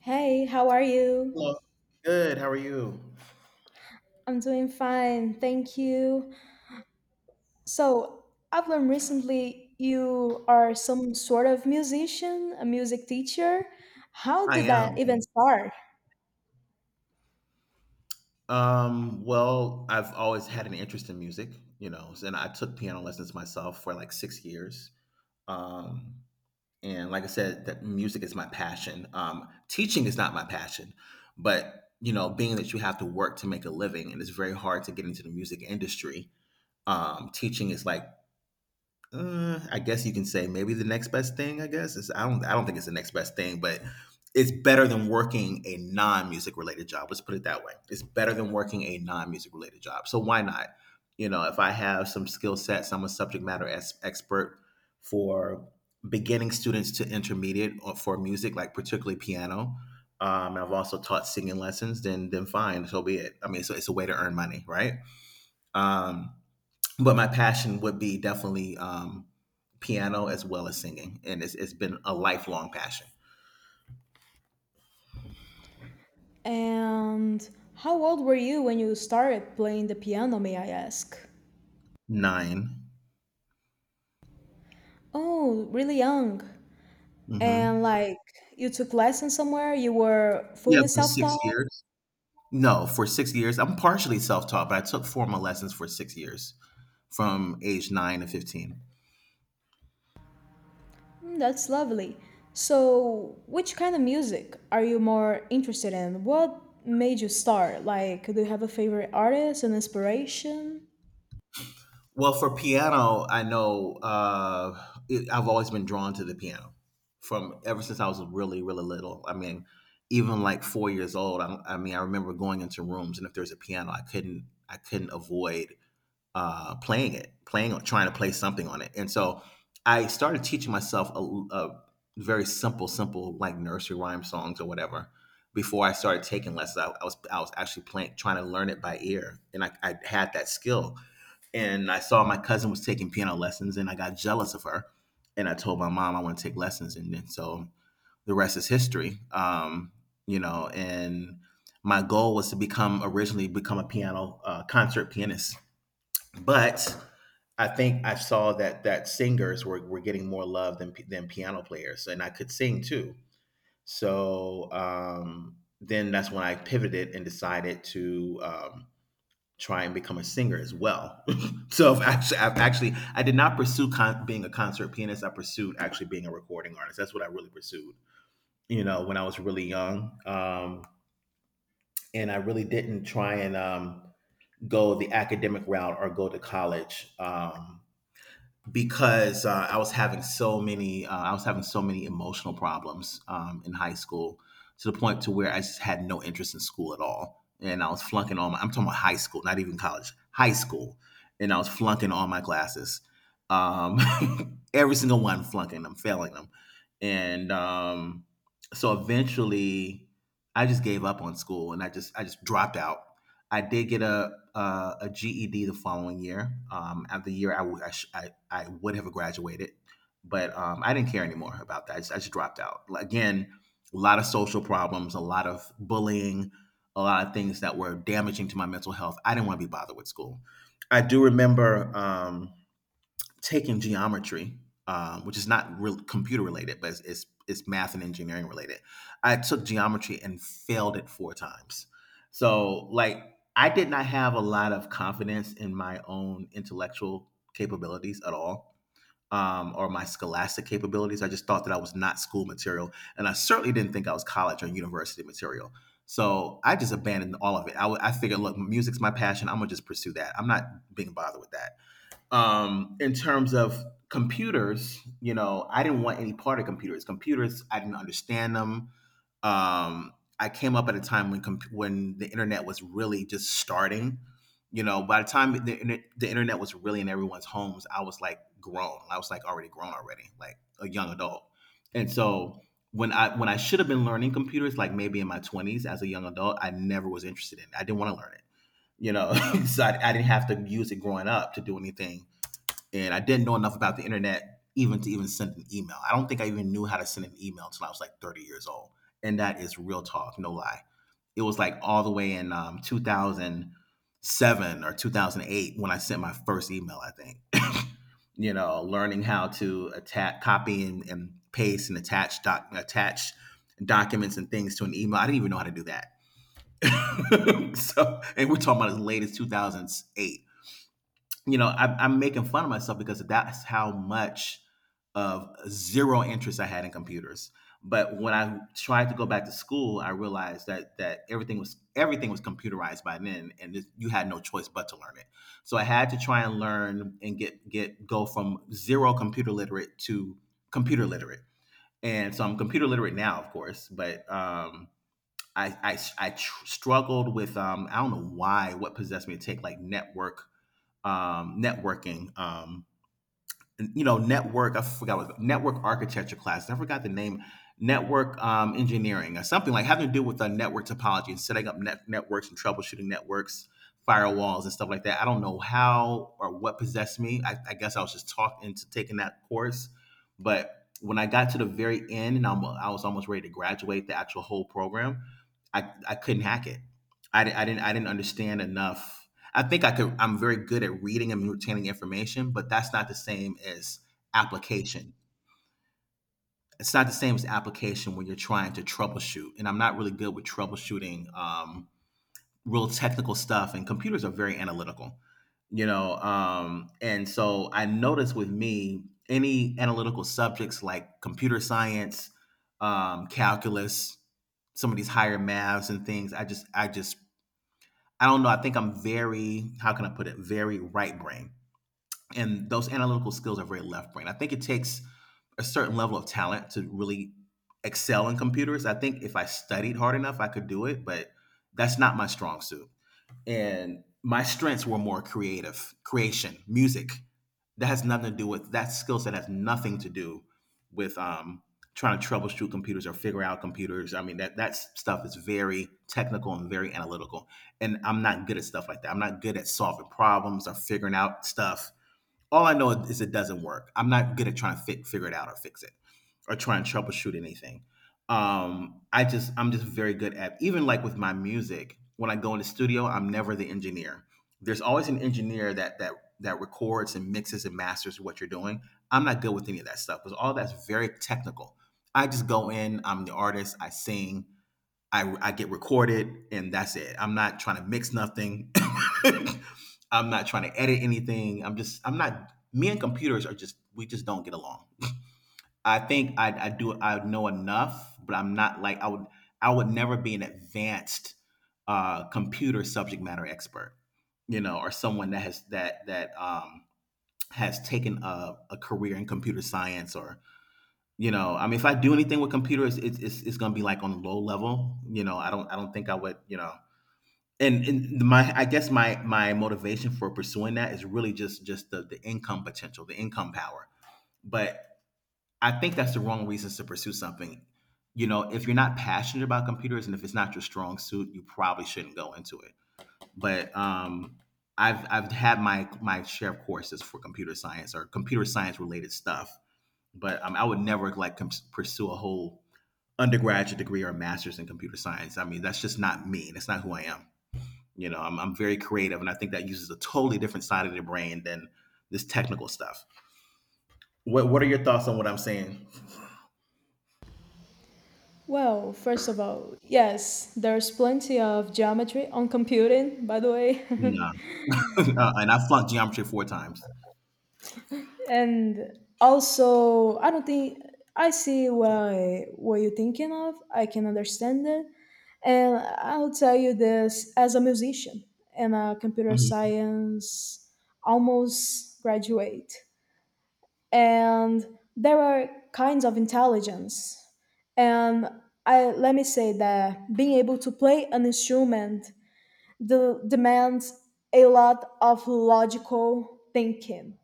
Hey, how are you? Hello. Good. How are you? I'm doing fine, thank you. So, I've learned recently you are some sort of musician, a music teacher. How I did am. that even start? I've always had an interest in music, and I took piano lessons myself for like 6 years. Um, and like I said, that music is my passion. Teaching is not my passion, but you know, being that you have to work to make a living and it's very hard to get into the music industry, teaching is like I guess you can say maybe the next best thing. I guess it's, I don't. I don't think it's the next best thing, but it's better than working a non-music related job. Let's put it that way. It's better than working a non-music related job. So why not? You know, if I have some skill sets, I'm a subject matter expert for beginning students to intermediate for music, like particularly piano. I've also taught singing lessons. Then fine, so be it. I mean, so it's a way to earn money, right? Um, but my passion would be definitely piano as well as singing, and it's been a lifelong passion. And how old were you when you started playing the piano, may I ask? 9. Oh, really young. Mm-hmm. And, like, you took lessons somewhere, you were Yeah, fully for six self-taught? years. No, for 6 years. I'm partially self taught, but I took formal lessons for 6 years from age nine to 15. Mm. That's lovely. So, which kind of music are you more interested in? What made you start? Like, do you have a favorite artist and inspiration? Well, for piano, I've always been drawn to the piano from ever since I was really, really little. I mean, even like 4 years old, I mean, I remember going into rooms and if there's a piano, I couldn't avoid playing it, playing trying to play something on it. And so I started teaching myself a very simple like nursery rhyme songs or whatever. Before I started taking lessons, I was actually playing, trying to learn it by ear, and I had that skill. And I saw my cousin was taking piano lessons, and I got jealous of her, and I told my mom I want to take lessons, and then so the rest is history. And my goal was to become originally become a piano concert pianist, but I think I saw that singers were getting more love than piano players, and I could sing too. So then that's when I pivoted and decided to try and become a singer as well. So I've actually, I did not pursue being a concert pianist. I pursued actually being a recording artist. That's what I really pursued. You know, when I was really young, and I really didn't try and go the academic route or go to college. Because I was having so many I was having so many emotional problems in high school to the point to where I just had no interest in school at all, and I was flunking all my —I'm talking about high school, not even college, high school, and I was flunking all my classes, um, every single one, flunking them, failing them, and so eventually I just gave up on school and I just dropped out. I did get a GED the following year. At the year I, w- I, sh- I would have graduated, but I didn't care anymore about that. I just dropped out. Like, again, a lot of social problems, a lot of bullying, a lot of things that were damaging to my mental health. I didn't want to be bothered with school. I do remember taking geometry, which is not real computer related, but it's math and engineering related. I took geometry and failed it four times. So like I did not have a lot of confidence in my own intellectual capabilities at all. Or my scholastic capabilities. I just thought that I was not school material, and I certainly didn't think I was college or university material. So I just abandoned all of it. I figured, look, music's my passion. I'm gonna just pursue that. I'm not being bothered with that in terms of computers. You know, I didn't want any part of computers. Computers, I didn't understand them. Um, I came up at a time when the internet was really just starting. You know, by the time the internet was really in everyone's homes, I was like grown. I was like already grown already, like a young adult. And so when I should have been learning computers, like maybe in my twenties as a young adult, I never was interested in. It. I didn't want to learn it. You know, so I didn't have to use it growing up to do anything, and I didn't know enough about the internet even to even send an email. I don't think I even knew how to send an email until I was like 30 years old, and that is real talk, no lie. It was like all the way in 2007 or 2008 when I sent my first email, I think. You know, learning how to attach, copy and paste and attach documents and things to an email. I didn't even know how to do that. So, and we're talking about as late as 2008. You know, I, I'm making fun of myself because that's how much of zero interest I had in computers. But when I tried to go back to school, I realized that everything was computerized by then, and you had no choice but to learn it. So I had to try and learn and get go from zero computer literate to computer literate. And so I'm computer literate now, of course, but I struggled with I don't know why what possessed me to take like networking. You know, network. I forgot what it was, network architecture class. I forgot the name. Network engineering or something, like having to do with network topology and setting up networks and troubleshooting networks, firewalls and stuff like that. I don't know how or what possessed me. I guess I was just talked into taking that course, but when I got to the very end and I was almost ready to graduate the actual whole program, I couldn't hack it. I didn't understand enough. I think I could I'm very good at reading and retaining information, but that's not the same as application. It's not the same as application when you're trying to troubleshoot. And I'm not really good with troubleshooting real technical stuff. And computers are very analytical, you know. And so I noticed with me any analytical subjects like computer science, calculus, some of these higher maths and things. I just I don't know. I think I'm very, how can I put it? Very right brain, and those analytical skills are very left brain. I think it takes a certain level of talent to really excel in computers. I think if I studied hard enough, I could do it, but that's not my strong suit. And my strengths were more creation, music. That skill set has nothing to do with trying to troubleshoot computers or figure out computers. I mean that stuff is very technical and very analytical. And I'm not good at stuff like that. I'm not good at solving problems or figuring out stuff. All I know is it doesn't work. I'm not good at trying to figure it out or fix it or try and troubleshoot anything. I'm just very good at even like with my music. When I go in the studio, I'm never the engineer. There's always an engineer that records and mixes and masters what you're doing. I'm not good with any of that stuff because all that's very technical. I just go in. I'm the artist. I sing. I get recorded and that's it. I'm not trying to mix nothing. I'm not trying to edit anything. I'm not, me and computers are just, we just don't get along. I do, I know enough, but I'm not like, I would never be an advanced computer subject matter expert, you know, or someone that has, that, has taken a career in computer science. Or, you know, I mean, if I do anything with computers, it's going to be like on a low level. You know, I don't think I would. You know, and my I guess my motivation for pursuing that is really just the income potential, the income power. But I think that's the wrong reasons to pursue something. You know, if you're not passionate about computers and if it's not your strong suit, you probably shouldn't go into it. But I've had my share of courses for computer science or computer science related stuff, but I would never like pursue a whole undergraduate degree or a master's in computer science. I mean, that's just not me. That's not who I am. You know, I'm very creative, and I think that uses a totally different side of the brain than this technical stuff. What are your thoughts on what I'm saying? Well, first of all, yes, there's plenty of geometry on computing, by the way. No. And I flunked geometry four times. And also, I don't think, I see why what you're thinking of, I can understand it, and I'll tell you this as a musician and a computer hmm science almost graduate. And there are kinds of intelligence, and let me say that being able to play an instrument demands a lot of logical thinking.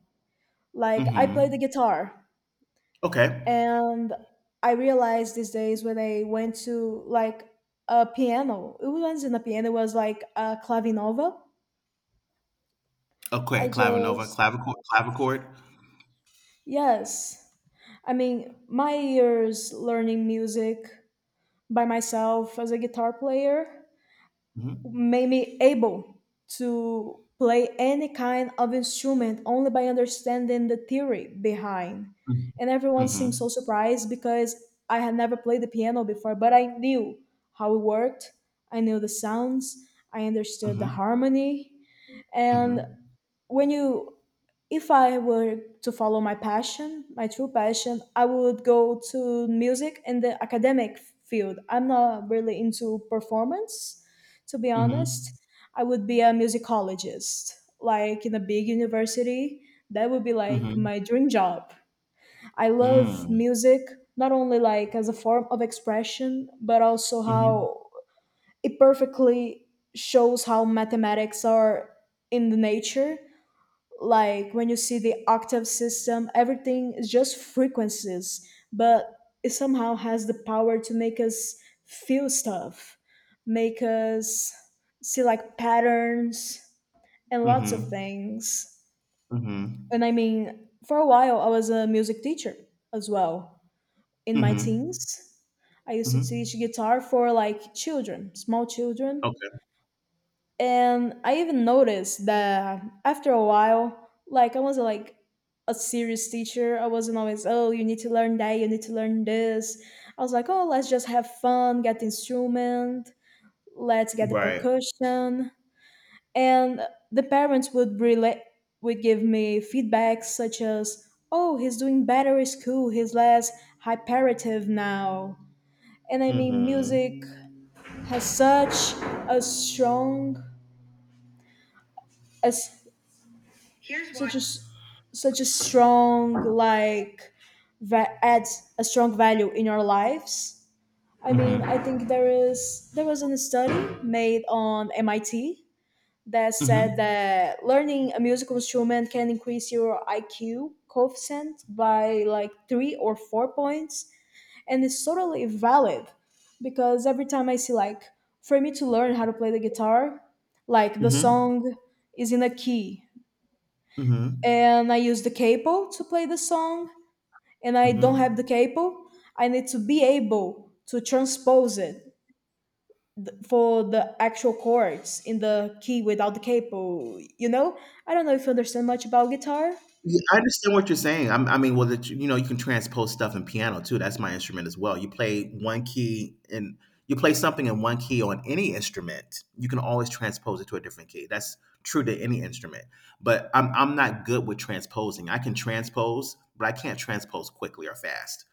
Like, I play the hmm guitar. Okay. And I realized these days when I went to like a piano, it wasn't a piano, it was like a clavinova. Okay. I Clavinova, just, clavichord, clavichord. yes. I mean, my years learning music by myself as a guitar player hmm made me able to play any kind of instrument only by understanding the theory behind. hmm And everyone seemed so surprised because I had never played the piano before, but I knew how it worked. I knew the sounds, I understood the hmm harmony, and hmm when you if I were to follow my passion, my true passion, I would go to music in the academic field. I'm not really into performance, to be honest. hmm I would be a musicologist, like in a big university. That would be like hmm my dream job. I love Mm. music, not only like as a form of expression, but also Mm-hmm. how it perfectly shows how mathematics are in the nature. Like, when you see the octave system, everything is just frequencies, but it somehow has the power to make us feel stuff, make us see like patterns and lots of Mm-hmm. things. Mm-hmm. And, I mean, for a while I was a music teacher as well, in my teens. Mm-hmm. I used to teach Mm-hmm. guitar for, like, children, small children. Okay. And I even noticed that after a while, like, I wasn't like a serious teacher. I wasn't always, oh, you need to learn that, you need to learn this. I was like, oh, let's just have fun, get the instrument, let's get the Right. percussion. And the parents would give me feedback such as, oh, he's doing better in school, he's less hyperative now. And I mean Mhm. music has such a strong as Here's why. such a s- such a strong like va- adds a strong value in our lives. I mean, I Mhm. think there was a study made on MIT that said Mhm. that learning a musical instrument can increase your IQ coefficient by like 3 or 4 points, and it's totally valid. Because every time I see like for me to learn how to play the guitar, like, the Mhm. song is in a key Mhm. and I use the capo to play the song, and I don't have the Mhm. capo, I need to be able to transpose it for the actual chords in the key without the capo. You know, I don't know if you understand much about guitar. Yeah, I understand what you're saying. I mean, well, you can transpose stuff in piano too. That's my instrument as well. You play something in one key on any instrument. You can always transpose it to a different key. That's true to any instrument. But I'm not good with transposing. I can transpose, but I can't transpose quickly or fast.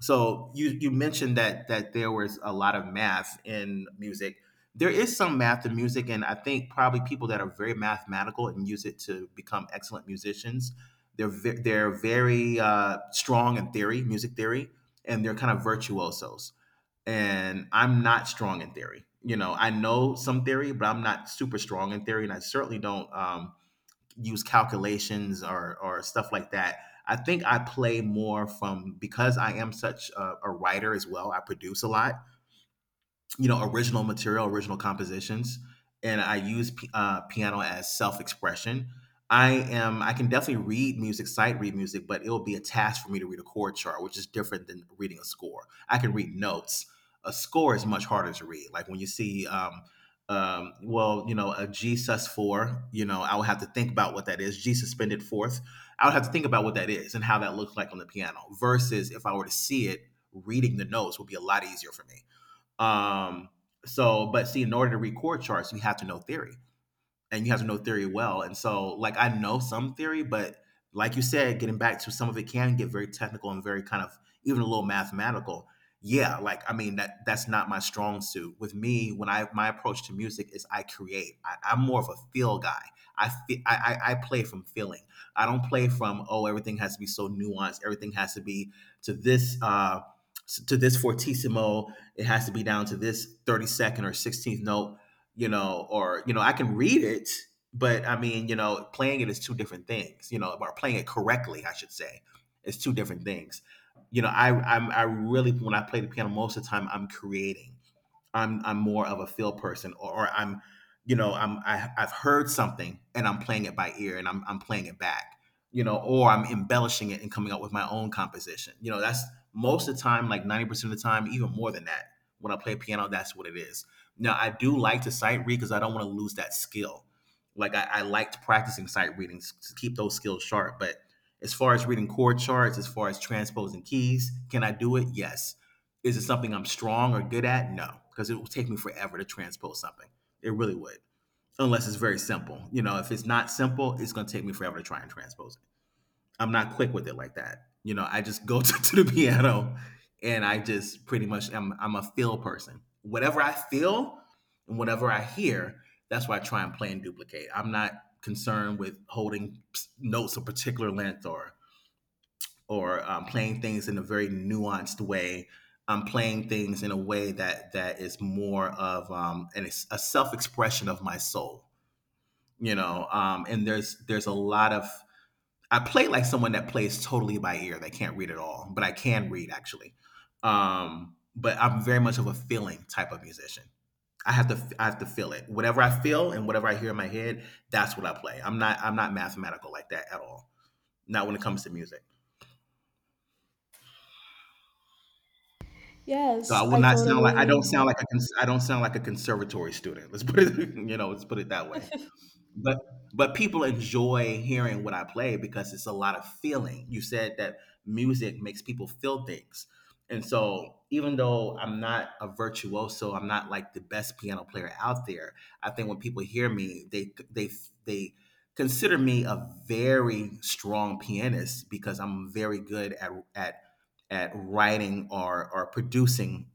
So you mentioned that there was a lot of math in music. There is some math in music, and I think probably people that are very mathematical and use it to become excellent musicians. They're very strong in theory, music theory, and they're kind of virtuosos. And I'm not strong in theory. You know, I know some theory, but I'm not super strong in theory, and I certainly don't, use calculations or stuff like that. I think I play more from because I am such a writer as well. I produce a lot, original material, original compositions, and I use piano as self-expression. I am. I can definitely read music, sight read music, but it will be a task for me to read a chord chart, which is different than reading a score. I can read notes. A score is much harder to read. Like when you see, well, a G sus four. You know, I would have to think about what that is. G suspended fourth. I would have to think about what that is and how that looks like on the piano. Versus if I were to see it, reading the notes would be a lot easier for me. Um, so, but see, in order to read chord charts, you have to know theory and you have to know theory well. And so, like, I know some theory, but like you said, getting back to some of it can get very technical and very kind of even a little mathematical. Yeah, like I mean that that's not my strong suit. With me, when I my approach to music is I create. I'm more of a feel guy. I play from feeling. I don't play from, oh, everything has to be so nuanced. Everything has to be to this uh to this fortissimo. It has to be down to this 32nd or 16th note, or I can read it, but I mean, playing it is two different things. You know, or playing it correctly, I should say, is two different things. You know, I really when I play the piano, most of the time I'm creating. I'm more of a feel person, or I've heard something and I'm playing it by ear and I'm playing it back, or I'm embellishing it and coming up with my own composition. That's most of the time, like 90% of the time, even more than that. When I play piano, that's what it is. Now I do like to sight read because I don't want to lose that skill. Like I liked practicing sight readings to keep those skills sharp. But as far as reading chord charts, as far as transposing keys, can I do it? Yes. Is it something I'm strong or good at? No, because it will take me forever to transpose something. It really would, unless it's very simple. You know, if it's not simple, it's going to take me forever to try and transpose it. I'm not quick with it like that. You know, I just go to the piano, and I just pretty much I'm a feel person. Whatever I feel and whatever I hear, that's why I try and play and duplicate. I'm not concerned with holding notes a particular length or playing things in a very nuanced way. I'm playing things in a way that that is more of a self expression of my soul. And there's a lot of I play like someone that plays totally by ear. They can't read at all, but I can read actually. But I'm very much of a feeling type of musician. I have to feel it. Whatever I feel and whatever I hear in my head, that's what I play. I'm not mathematical like that at all. Not when it comes to music. So Yes, I I don't totally. sound like a conservatory student. Let's put it. Let's put it that way. But but people enjoy hearing what I play because it's a lot of feeling. You said that music makes people feel things, and so even though I'm not a virtuoso, I'm not like the best piano player out there. I think when people hear me, they consider me a very strong pianist because I'm very good at writing or producing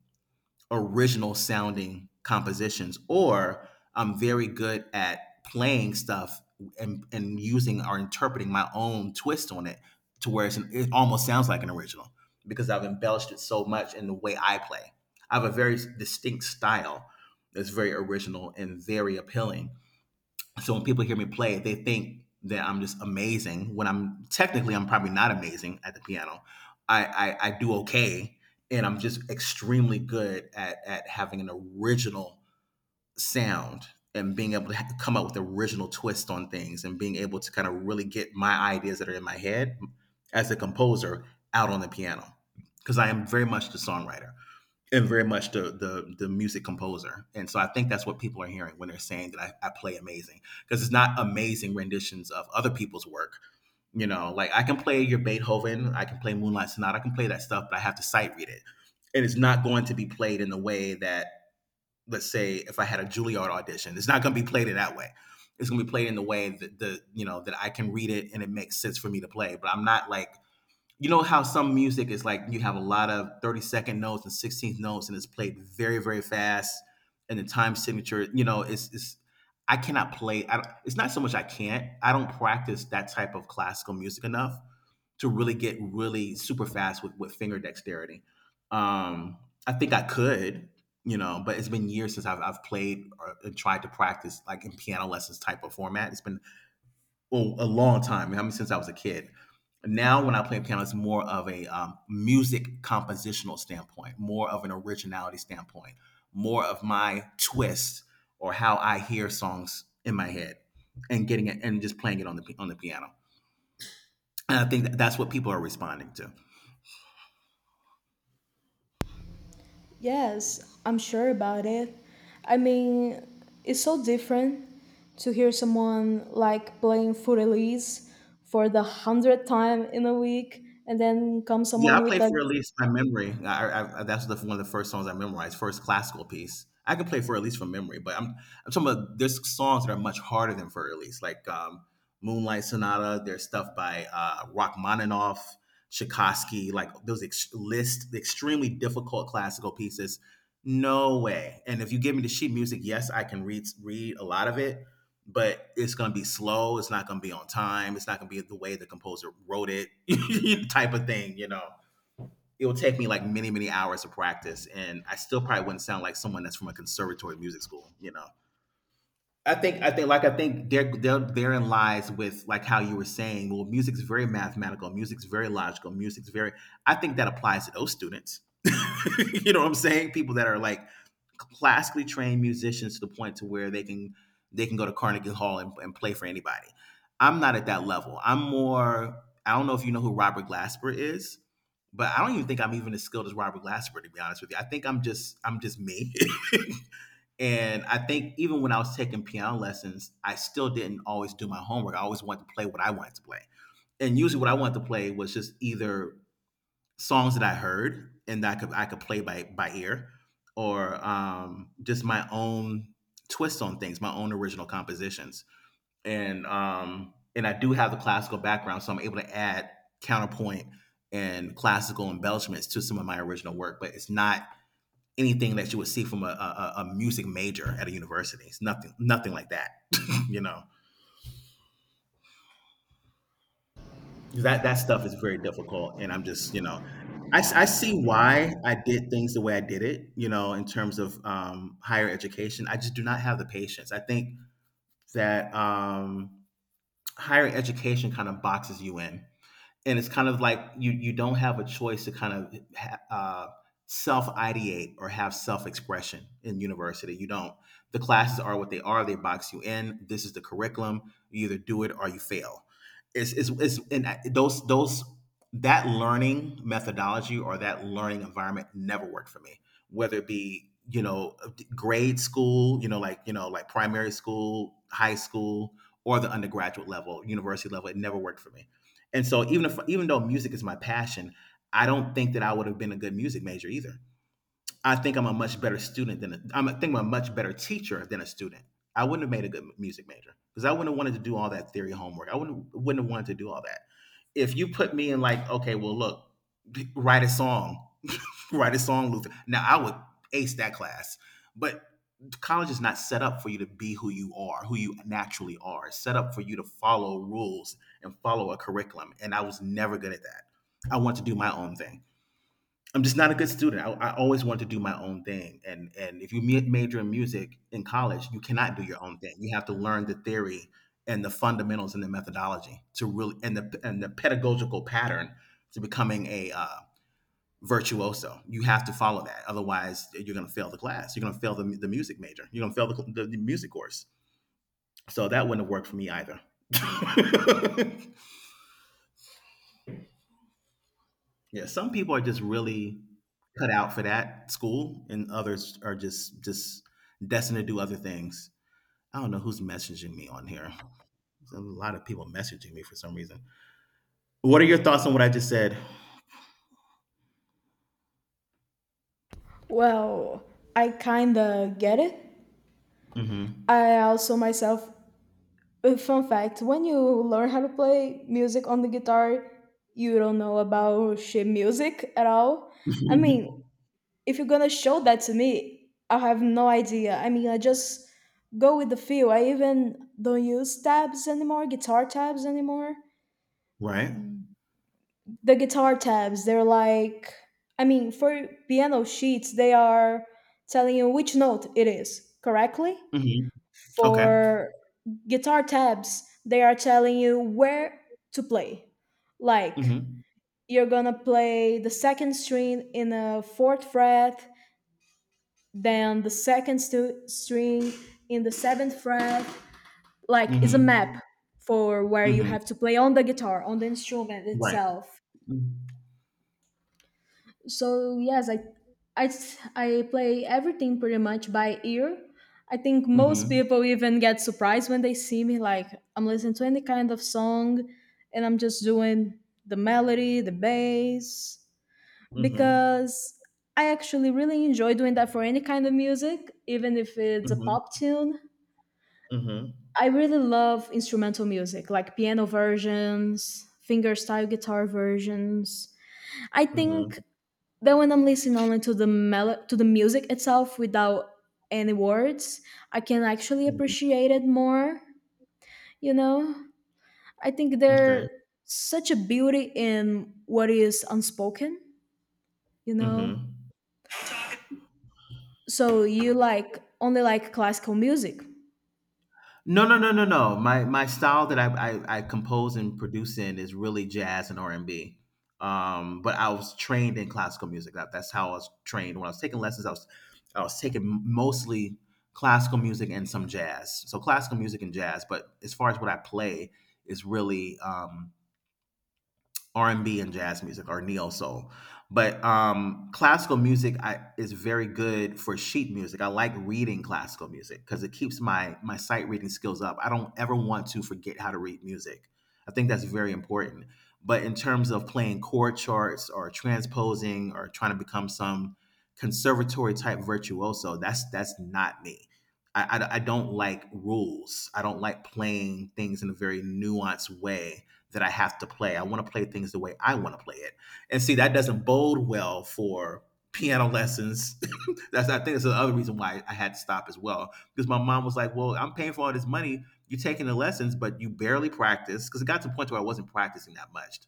original sounding compositions, or I'm very good at playing stuff and using or interpreting my own twist on it to where it's it almost sounds like an original because I've embellished it so much in the way I play. I have a very distinct style that's very original and very appealing, so when people hear me play, they think that I'm just amazing. When I'm technically, I'm probably not amazing at the piano. I do okay, and I'm just extremely good at having an original sound and being able to come up with original twists on things and being able to kind of really get my ideas that are in my head as a composer out on the piano because I am very much the songwriter and very much the music composer. And so I think that's what people are hearing when they're saying that I play amazing, because it's not amazing renditions of other people's work. You know, like I can play your Beethoven, I can play Moonlight Sonata, I can play that stuff, but I have to sight read it, and it's not going to be played in the way that, let's say, if I had a Juilliard audition, it's not going to be played in that way. It's going to be played in the way that the you know that I can read it and it makes sense for me to play, but I'm not like, how some music is like you have a lot of 30-second notes and 16th notes and it's played very very fast, and the time signature, it's not so much I don't practice that type of classical music enough to really get really super fast with finger dexterity. um I think I could, but it's been years since I've played or tried to practice like in piano lessons type of format. It's been, well, a long time. I mean, since I was a kid. Now, when I play piano, it's more of a music compositional standpoint, more of an originality standpoint, more of my twist, or how I hear songs in my head, and getting it and just playing it on the piano. And I think that that's what people are responding to. Yes, I'm sure about it. I mean, it's so different to hear someone like playing full release for the hundredth time in a week, and then comes Yeah, I someone with played a for at least by memory. I that's one of the first songs I memorized, first classical piece. I can play for at least from memory, but I'm talking about there's songs that are much harder than for at least, like, Moonlight Sonata. There's stuff by Rachmaninoff, Tchaikovsky, like those ex- list the extremely difficult classical pieces. No way. And if you give me the sheet music, yes, I can read a lot of it, but it's going to be slow. It's not going to be on time. It's not going to be the way the composer wrote it, type of thing, it would take me like many hours to practice, and I still probably wouldn't sound like someone that's from a conservatory music school, I think therein lies with like how you were saying, well, music's very mathematical, music's very logical, music's very I think that applies to those students. You know what I'm saying? People that are like classically trained musicians to the point to where they can go to Carnegie Hall and play for anybody. I'm not at that level. I'm more, I don't know if you know who Robert Glasper is, but I don't even think I'm even as skilled as Robert Glasper, to be honest with you. I think I'm just me. And I think even when I was taking piano lessons, I still didn't always do my homework. I always wanted to play what I wanted to play. And usually what I wanted to play was just either songs that I heard and that I could play by ear, or just my own twists on things, my own original compositions. And I do have the classical background, so I'm able to add counterpoint and classical embellishments to some of my original work, but it's not anything that you would see from a music major at a university. It's nothing, nothing like that. You know, that that stuff is very difficult, and I'm just, I see why I did things the way I did it. You know, in terms of higher education, I just do not have the patience. I think that higher education kind of boxes you in, and it's kind of like you don't have a choice to kind of self ideate or have self expression in university. You don't. The classes are what they are. They box you in. This is the curriculum. You either do it or you fail. It's and I- those that learning methodology or that learning environment never worked for me. Whether it be, grade school, like primary school, high school, or the undergraduate level, university level, it never worked for me. And so even if even though music is my passion, I don't think that I would have been a good music major either. I think I'm a much better student than a, I'm, I think I'm a much better teacher than a student. I wouldn't have made a good music major because I wouldn't have wanted to do all that theory homework. I wouldn't have wanted to do all that. If you put me in like, okay, well, look, write a song, write a song, Luther. Now I would ace that class. But college is not set up for you to be who you are, who you naturally are. It's set up for you to follow rules and follow a curriculum. And I was never good at that. I want to do my own thing. I'm just not a good student. I always want to do my own thing. And if you major in music in college, you cannot do your own thing. You have to learn the theory and the fundamentals and the methodology to really, and the pedagogical pattern to becoming a virtuoso. You have to follow that. Otherwise, you're going to fail the class. You're going to fail the music major. You're going to fail the music course. So that wouldn't have worked for me either. Yeah, some people are just really cut out for that school, and others are just destined to do other things. I don't know who's messaging me on here. There's a lot of people messaging me for some reason. What are your thoughts on what I just said? Well, I kinda get it. Mm-hmm. I also, myself, fun fact, when you learn how to play music on the guitar, you don't know about shit music at all. I mean, if you're gonna show that to me, I have no idea. I mean, I just go with the feel. I even don't use tabs anymore, guitar tabs anymore. Right. The guitar tabs, they're like, I mean, for piano sheets, they are telling you which note it is correctly. Mm-hmm. Okay. For guitar tabs, they are telling you where to play, like, Mm-hmm. you're gonna play the second string in the fourth fret, then the second string in the seventh fret. Like, it's a map Mm-hmm. for where you Mm-hmm. have to play on the guitar, on the instrument Right. itself. Mm. So yes, i I play everything pretty much by ear. I think most Mhm. people even get surprised when they see me, like, I'm listening to any kind of song and I'm just doing the melody, the bass, Mhm. because I actually really enjoy doing that for any kind of music, even if it's a Mhm. pop tune. Mhm. I really love instrumental music, like piano versions, fingerstyle guitar versions. I think Mhm. then when I'm listening only to the to the music itself without any words, I can actually Mhm. appreciate it more, you know. I think Okay. there's such a beauty in what is unspoken, you know. Mhm. So, you like only like classical music? No, no, no, no, no. My style that I compose and produce in is really jazz and R and B. But I was trained in classical music. That's how I was trained. When I was taking lessons, I was taking mostly classical music and some jazz. So classical music and jazz. But as far as what I play is really, R&B and B and jazz music, or neo soul. But classical music is very good for sheet music. I like reading classical music because it keeps my sight reading skills up. I don't ever want to forget how to read music. I think that's very important. But in terms of playing chord charts or transposing or trying to become some conservatory type virtuoso, that's not me. I don't like rules. I don't like playing things in a very nuanced way that I have to play. I want to play things the way I want to play it. And see, that doesn't bode well for piano lessons. That's, I think that's the other reason why I had to stop as well. Because my mom was like, well, I'm paying for all this money. You're taking the lessons, but you barely practice. Because it got to the point where I wasn't practicing that much.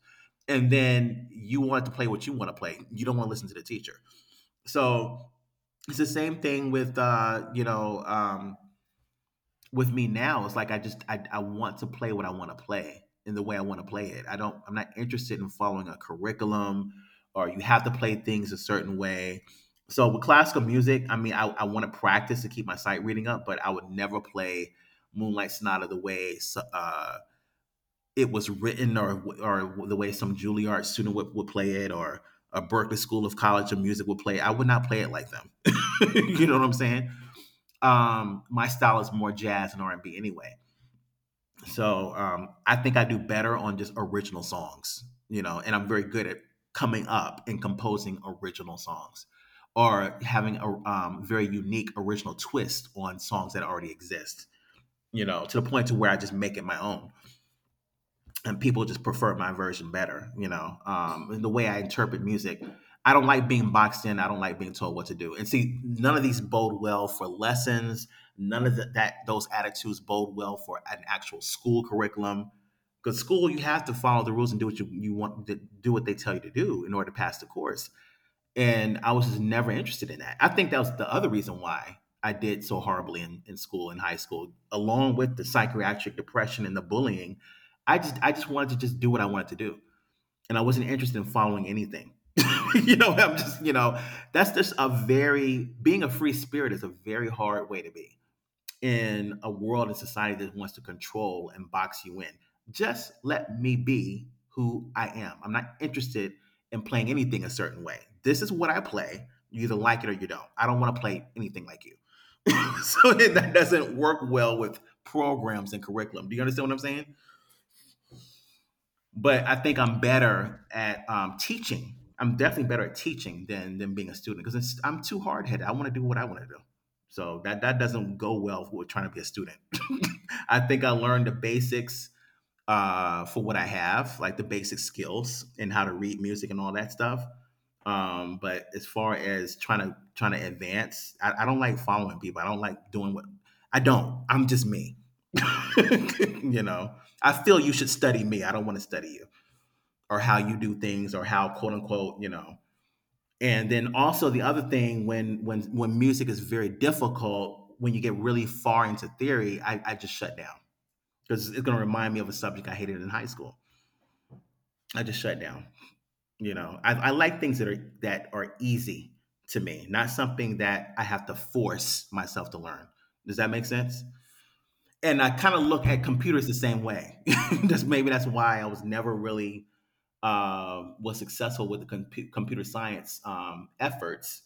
And then you want to play what you want to play. You don't want to listen to the teacher. So it's the same thing with with me now. It's like I want to play what I want to play in the way I want to play it. I don't, I'm not interested in following a curriculum, or you have to play things a certain way. So with classical music, I want to practice to keep my sight reading up. But I would never play Moonlight Sonata the way uh, it was written, or the way some Juilliard student would play it, or a Berklee school of college of music would play it. I would not play it like them. You know what I'm saying? My style is more jazz and R&B anyway. So I think I do better on just original songs, you know, and I'm very good at coming up and composing original songs, or having a very unique original twist on songs that already exist, you know, to the point to where I just make it my own and people just prefer my version better. You know, and the way I interpret music, I don't like being boxed in. I don't like being told what to do. And see, none of these bode well for lessons. None of the, that those attitudes bode well for an actual school curriculum. Because school, you have to follow the rules and do what you want to do what they tell you to do in order to pass the course. And I was just never interested in that. I think that was the other reason why I did so horribly in school, in high school, along with the psychiatric depression and the bullying. I just wanted to just do what I wanted to do, and I wasn't interested in following anything. You know, that's just a very, being a free spirit is a very hard way to be in a world and society that wants to control and box you in. Just let me be who I am. I'm not interested in playing anything a certain way. This is what I play. You either like it or you don't. I don't want to play anything like you. So that doesn't work well with programs and curriculum. Do you understand what I'm saying? But I think I'm better at teaching. I'm definitely better at teaching than being a student, because I'm too hard headed. I want to do what I want to do. So that doesn't go well with trying to be a student. I think I learned the basics, for what I have, like the basic skills and how to read music and all that stuff. But as far as trying to advance, I don't like following people. I don't like doing what I don't. I'm just me. You know, I feel you should study me. I don't want to study you or how you do things or how, quote unquote, you know. And then also the other thing, when when music is very difficult, when you get really far into theory, I just shut down because it's going to remind me of a subject I hated in high school. I just shut down, you know. I like things that are easy to me, not something that I have to force myself to learn. Does that make sense? And I kind of look at computers the same way. that's maybe that's why I was never really was successful with the computer science efforts,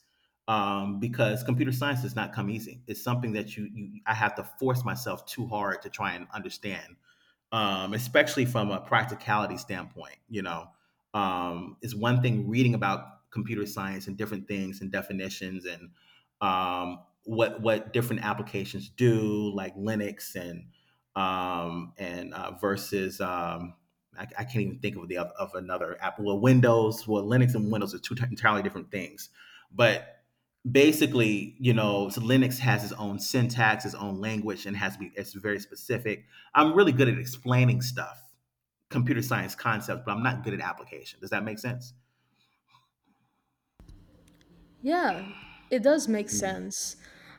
because computer science does not come easy. It's something that you I have to force myself too hard to try and understand, especially from a practicality standpoint. You know, it's one thing reading about computer science and different things and definitions and, what different applications do, like Linux and versus I can't even think of the of another app. Well, Windows, well, Linux and Windows are entirely different things, but basically, you know. So Linux has its own syntax, its own language, and has to be it's very specific. I'm really good at explaining stuff, computer science concepts, but I'm not good at application. Does that make sense? Yeah, it does make sense.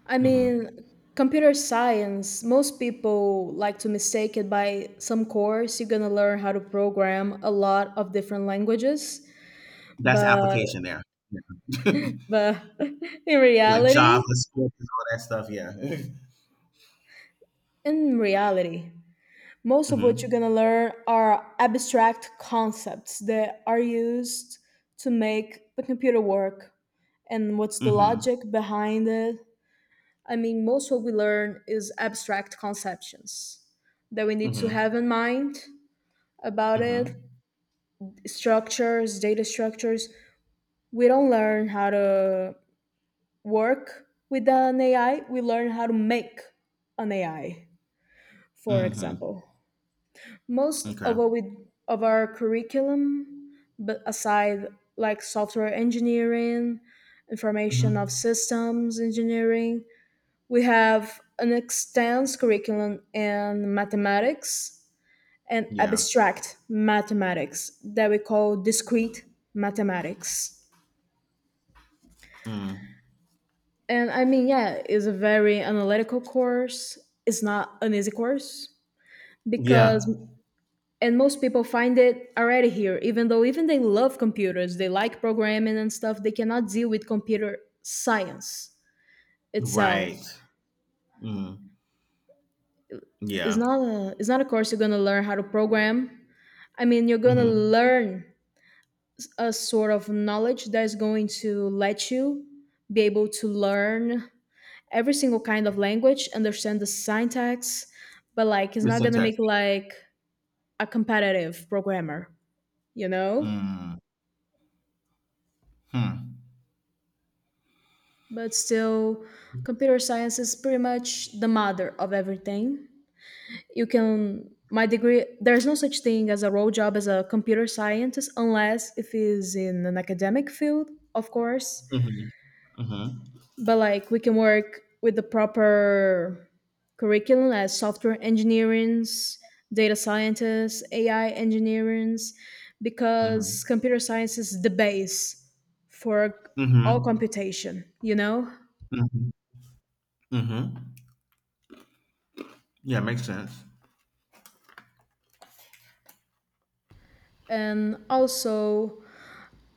I mean, Mm-hmm. computer science, most people like to mistake it by some course you're going to learn how to program a lot of different languages, That's but application there. Yeah. but in Like Java, reality script, and all that stuff. Yeah. in reality, most of what you're going to Mm-hmm. learn are abstract concepts that are used to make the computer work, and what's the Mm-hmm. logic behind it. I mean, most what we learn is abstract conceptions that we need to have Mm-hmm. in mind about it. Mm-hmm. Structures Data structures. We don't learn how to work with an AI, we learn how to make an AI, for Mm-hmm. example. Most Okay. of our, of our curriculum, but aside like software engineering, information of Mm-hmm. systems engineering, we have an extensive curriculum in mathematics and Yeah. abstract mathematics that we call discrete mathematics. Mm. And I mean, yeah, it's a very analytical course. It's not an easy course because, Yeah. and most people find it already here, even though even they love computers, they like programming and stuff, they cannot deal with computer science itself. Right. Mm. It's Yeah. not a, it's not a course you're gonna learn how to program. I mean, you're gonna Mm-hmm. learn a sort of knowledge that's going to let you be able to learn every single kind of language, understand the syntax, but like it's The not gonna syntax. make like a competitive programmer, you know? Mm. Hmm. But still, computer science is pretty much the mother of everything. You can My degree, there's no such thing as a role job as a computer scientist unless if it is in an academic field, of course. Mm-hmm. Mm-hmm. But like, we can work with the proper curriculum as software engineers, data scientists, AI engineers, because Mm-hmm. computer science is the base for Mm-hmm. all computation, you know. Mm-hmm. Mm-hmm. Yeah, makes sense. And also,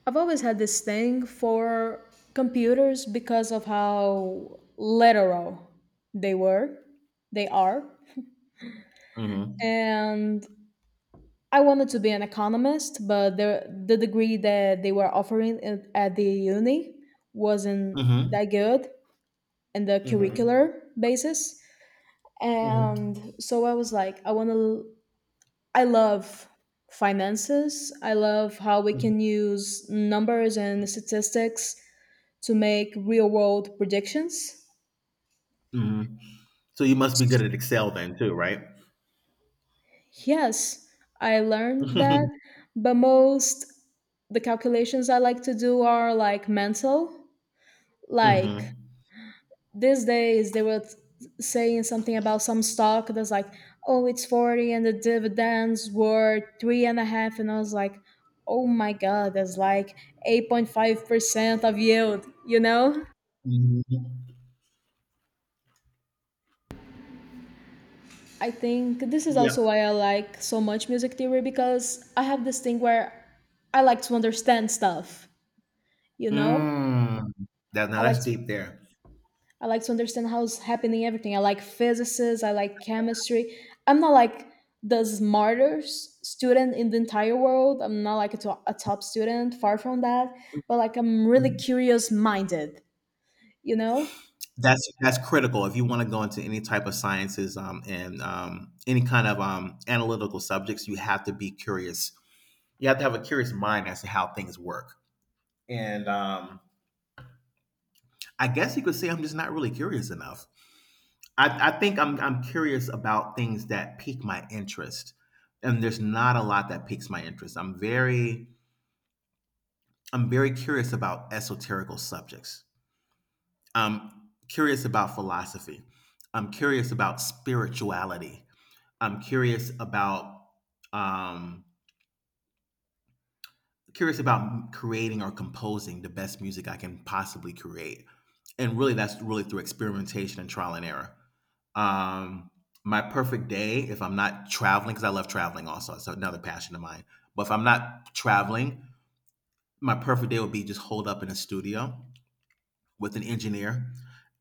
I've always had this thing for computers because of how literal they were, they are. Mm-hmm. And I wanted to be an economist, but the degree that they were offering at the uni wasn't Mm-hmm. that good in the Mm-hmm. curricular basis. Mm-hmm. And so I was like, I love finances. I love how we can use numbers and statistics to make real world predictions. Mm-hmm. So you must be good at Excel then too, right? Yes, I learned that, Mm-hmm. but most the calculations I like to do are like mental. Like, these days they were saying something about some stock that's like, oh, it's 40 and the dividends were 3.5, and I was like, oh my God, that's like 8.5% of yield, you know. Mm-hmm. I think this is Yeah. also why I like so much music theory, because I have this thing where I like to understand stuff, you know. Mm. That, now i like that's to deep there. I like to understand how's happening everything. I like physicists, I like chemistry. I'm not like the smartest student in the entire world. I'm not like a top student, far from that, but like I'm really Mhm. curious minded, you know? That's critical if you want to go into any type of sciences and any kind of analytical subjects. You have to be curious. You have to have a curious mind as to how things work. And, I guess you could say I'm just not really curious enough. I think I'm curious about things that pique my interest, and there's not a lot that piques my interest. I'm very curious about esoterical subjects. I'm curious about philosophy. I'm curious about spirituality. I'm um, curious about creating or composing the best music I can possibly create. And really, that's really through experimentation and trial and error. Um, my perfect day, if I'm not traveling, because I love traveling also, it's another passion of mine. But if I'm not traveling, my perfect day would be just hold up in a studio with an engineer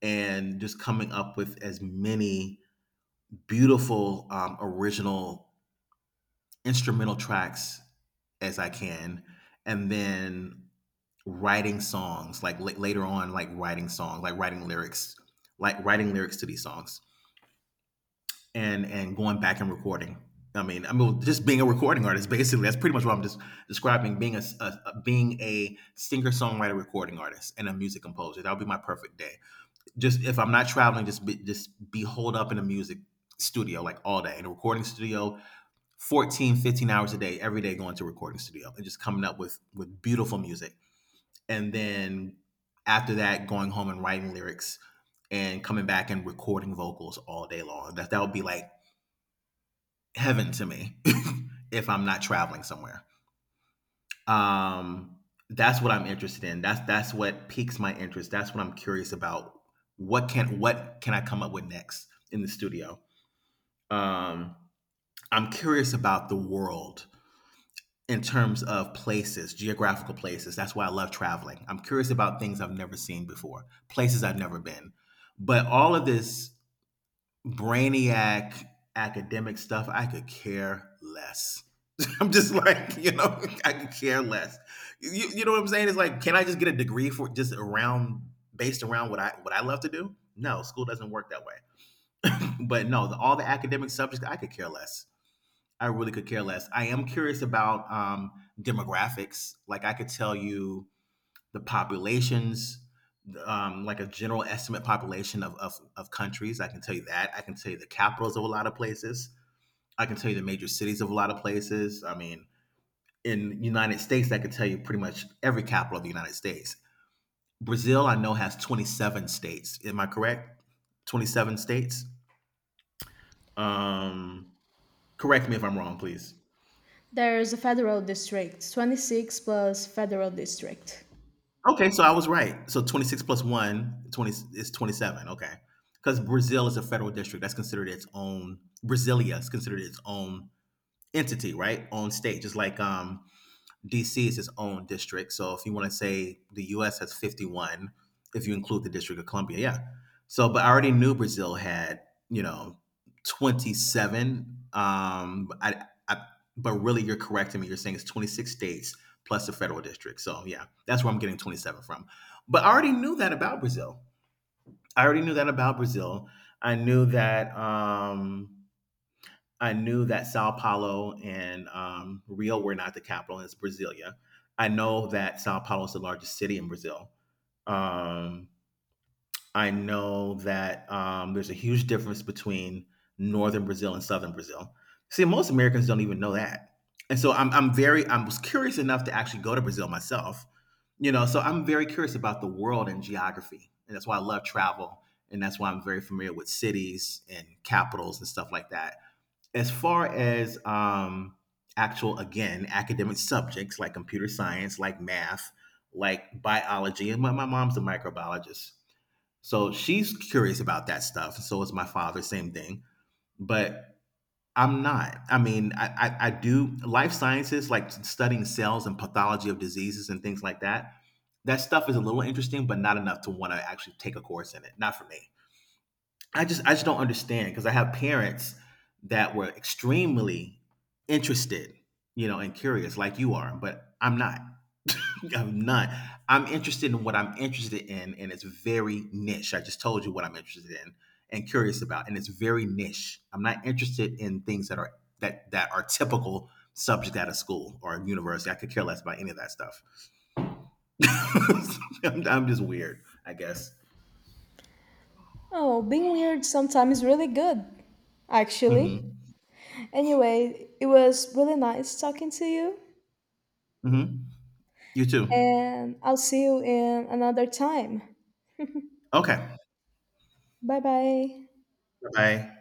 and just coming up with as many beautiful, original instrumental tracks as I can. And then writing songs, like l- later on like writing songs, like writing lyrics to these songs, and going back and recording. I mean, just being a recording artist, basically. That's pretty much what I'm just describing, being being a singer songwriter, recording artist, and a music composer. That would be my perfect day, just if I'm not traveling, just be holed up in a music studio like all day, in a recording studio 14, 15 hours a day, every day, going to a recording studio and just coming up with beautiful music. And then after that, going home and writing lyrics and coming back and recording vocals all day long. That would be like heaven to me. If I'm not traveling somewhere. Um, that's what I'm interested in. That's what piques my interest. That's what I'm curious about. What can I come up with next in the studio? Um, I'm curious about the world in terms of places, geographical places. That's why I love traveling. I'm curious about things I've never seen before, places I've never been. But all of this brainiac academic stuff, I could care less. I'm just like, you know, I could care less. You know what I'm saying? It's like, can I just get a degree for just around based around what I love to do? No, school doesn't work that way. But no, all the academic subjects, I could care less. I really could care less. I am curious about, demographics. Like, I could tell you the populations, like a general estimate population of countries. I can tell you that. I can tell you the capitals of a lot of places. I can tell you the major cities of a lot of places. I mean, in the United States, I could tell you pretty much every capital of the United States. Brazil, I know, has 27 states. Am I correct? 27 states. Um, Correct me if I'm wrong, please. There's a federal district, 26 plus federal district. Okay, so I was right. So 26 plus 1, 20 is 27. Okay. Because Brazil is a federal district. That's considered its own. Brasilia is considered its own entity, right? Own state. Just like, DC is its own district. So if you want to say the US has 51, if you include the District of Columbia, yeah. So, but I already knew Brazil had, you know, 27. But really, you're correcting me. You're saying it's 26 states plus the federal district. So, yeah, that's where I'm getting 27 from. But I already knew that about Brazil. I already knew that about Brazil. I knew that. I knew that Sao Paulo and, Rio were not the capital, and it's Brasilia. I know that Sao Paulo is the largest city in Brazil. Um, I know that there's a huge difference between northern Brazil and southern Brazil. See, most Americans don't even know that, and so I was curious enough to actually go to Brazil myself. You know, so I'm very curious about the world and geography, and that's why I love travel, and that's why I'm very familiar with cities and capitals and stuff like that. As far as, actual, again, academic subjects like computer science, like math, like biology, and my mom's a microbiologist, so she's curious about that stuff, so is my father, same thing. But I'm not. I do life sciences, like studying cells and pathology of diseases and things like that. That stuff is a little interesting, but not enough to want to actually take a course in it. Not for me. I just don't understand, because I have parents that were extremely interested, you know, and curious like you are, but I'm not. I'm not. I'm interested in what I'm interested in, and it's very niche. I just told you what I'm interested in and curious about, and it's very niche. I'm not interested in things that are that are typical subject at a school or a university. I could care less about any of that stuff. I'm just weird, I guess. Oh, being weird sometimes is really good, actually. Hmm. Anyway, it was really nice talking to you, Hmm. You too. and I'll see you in another time. Okay. Bye bye. Bye.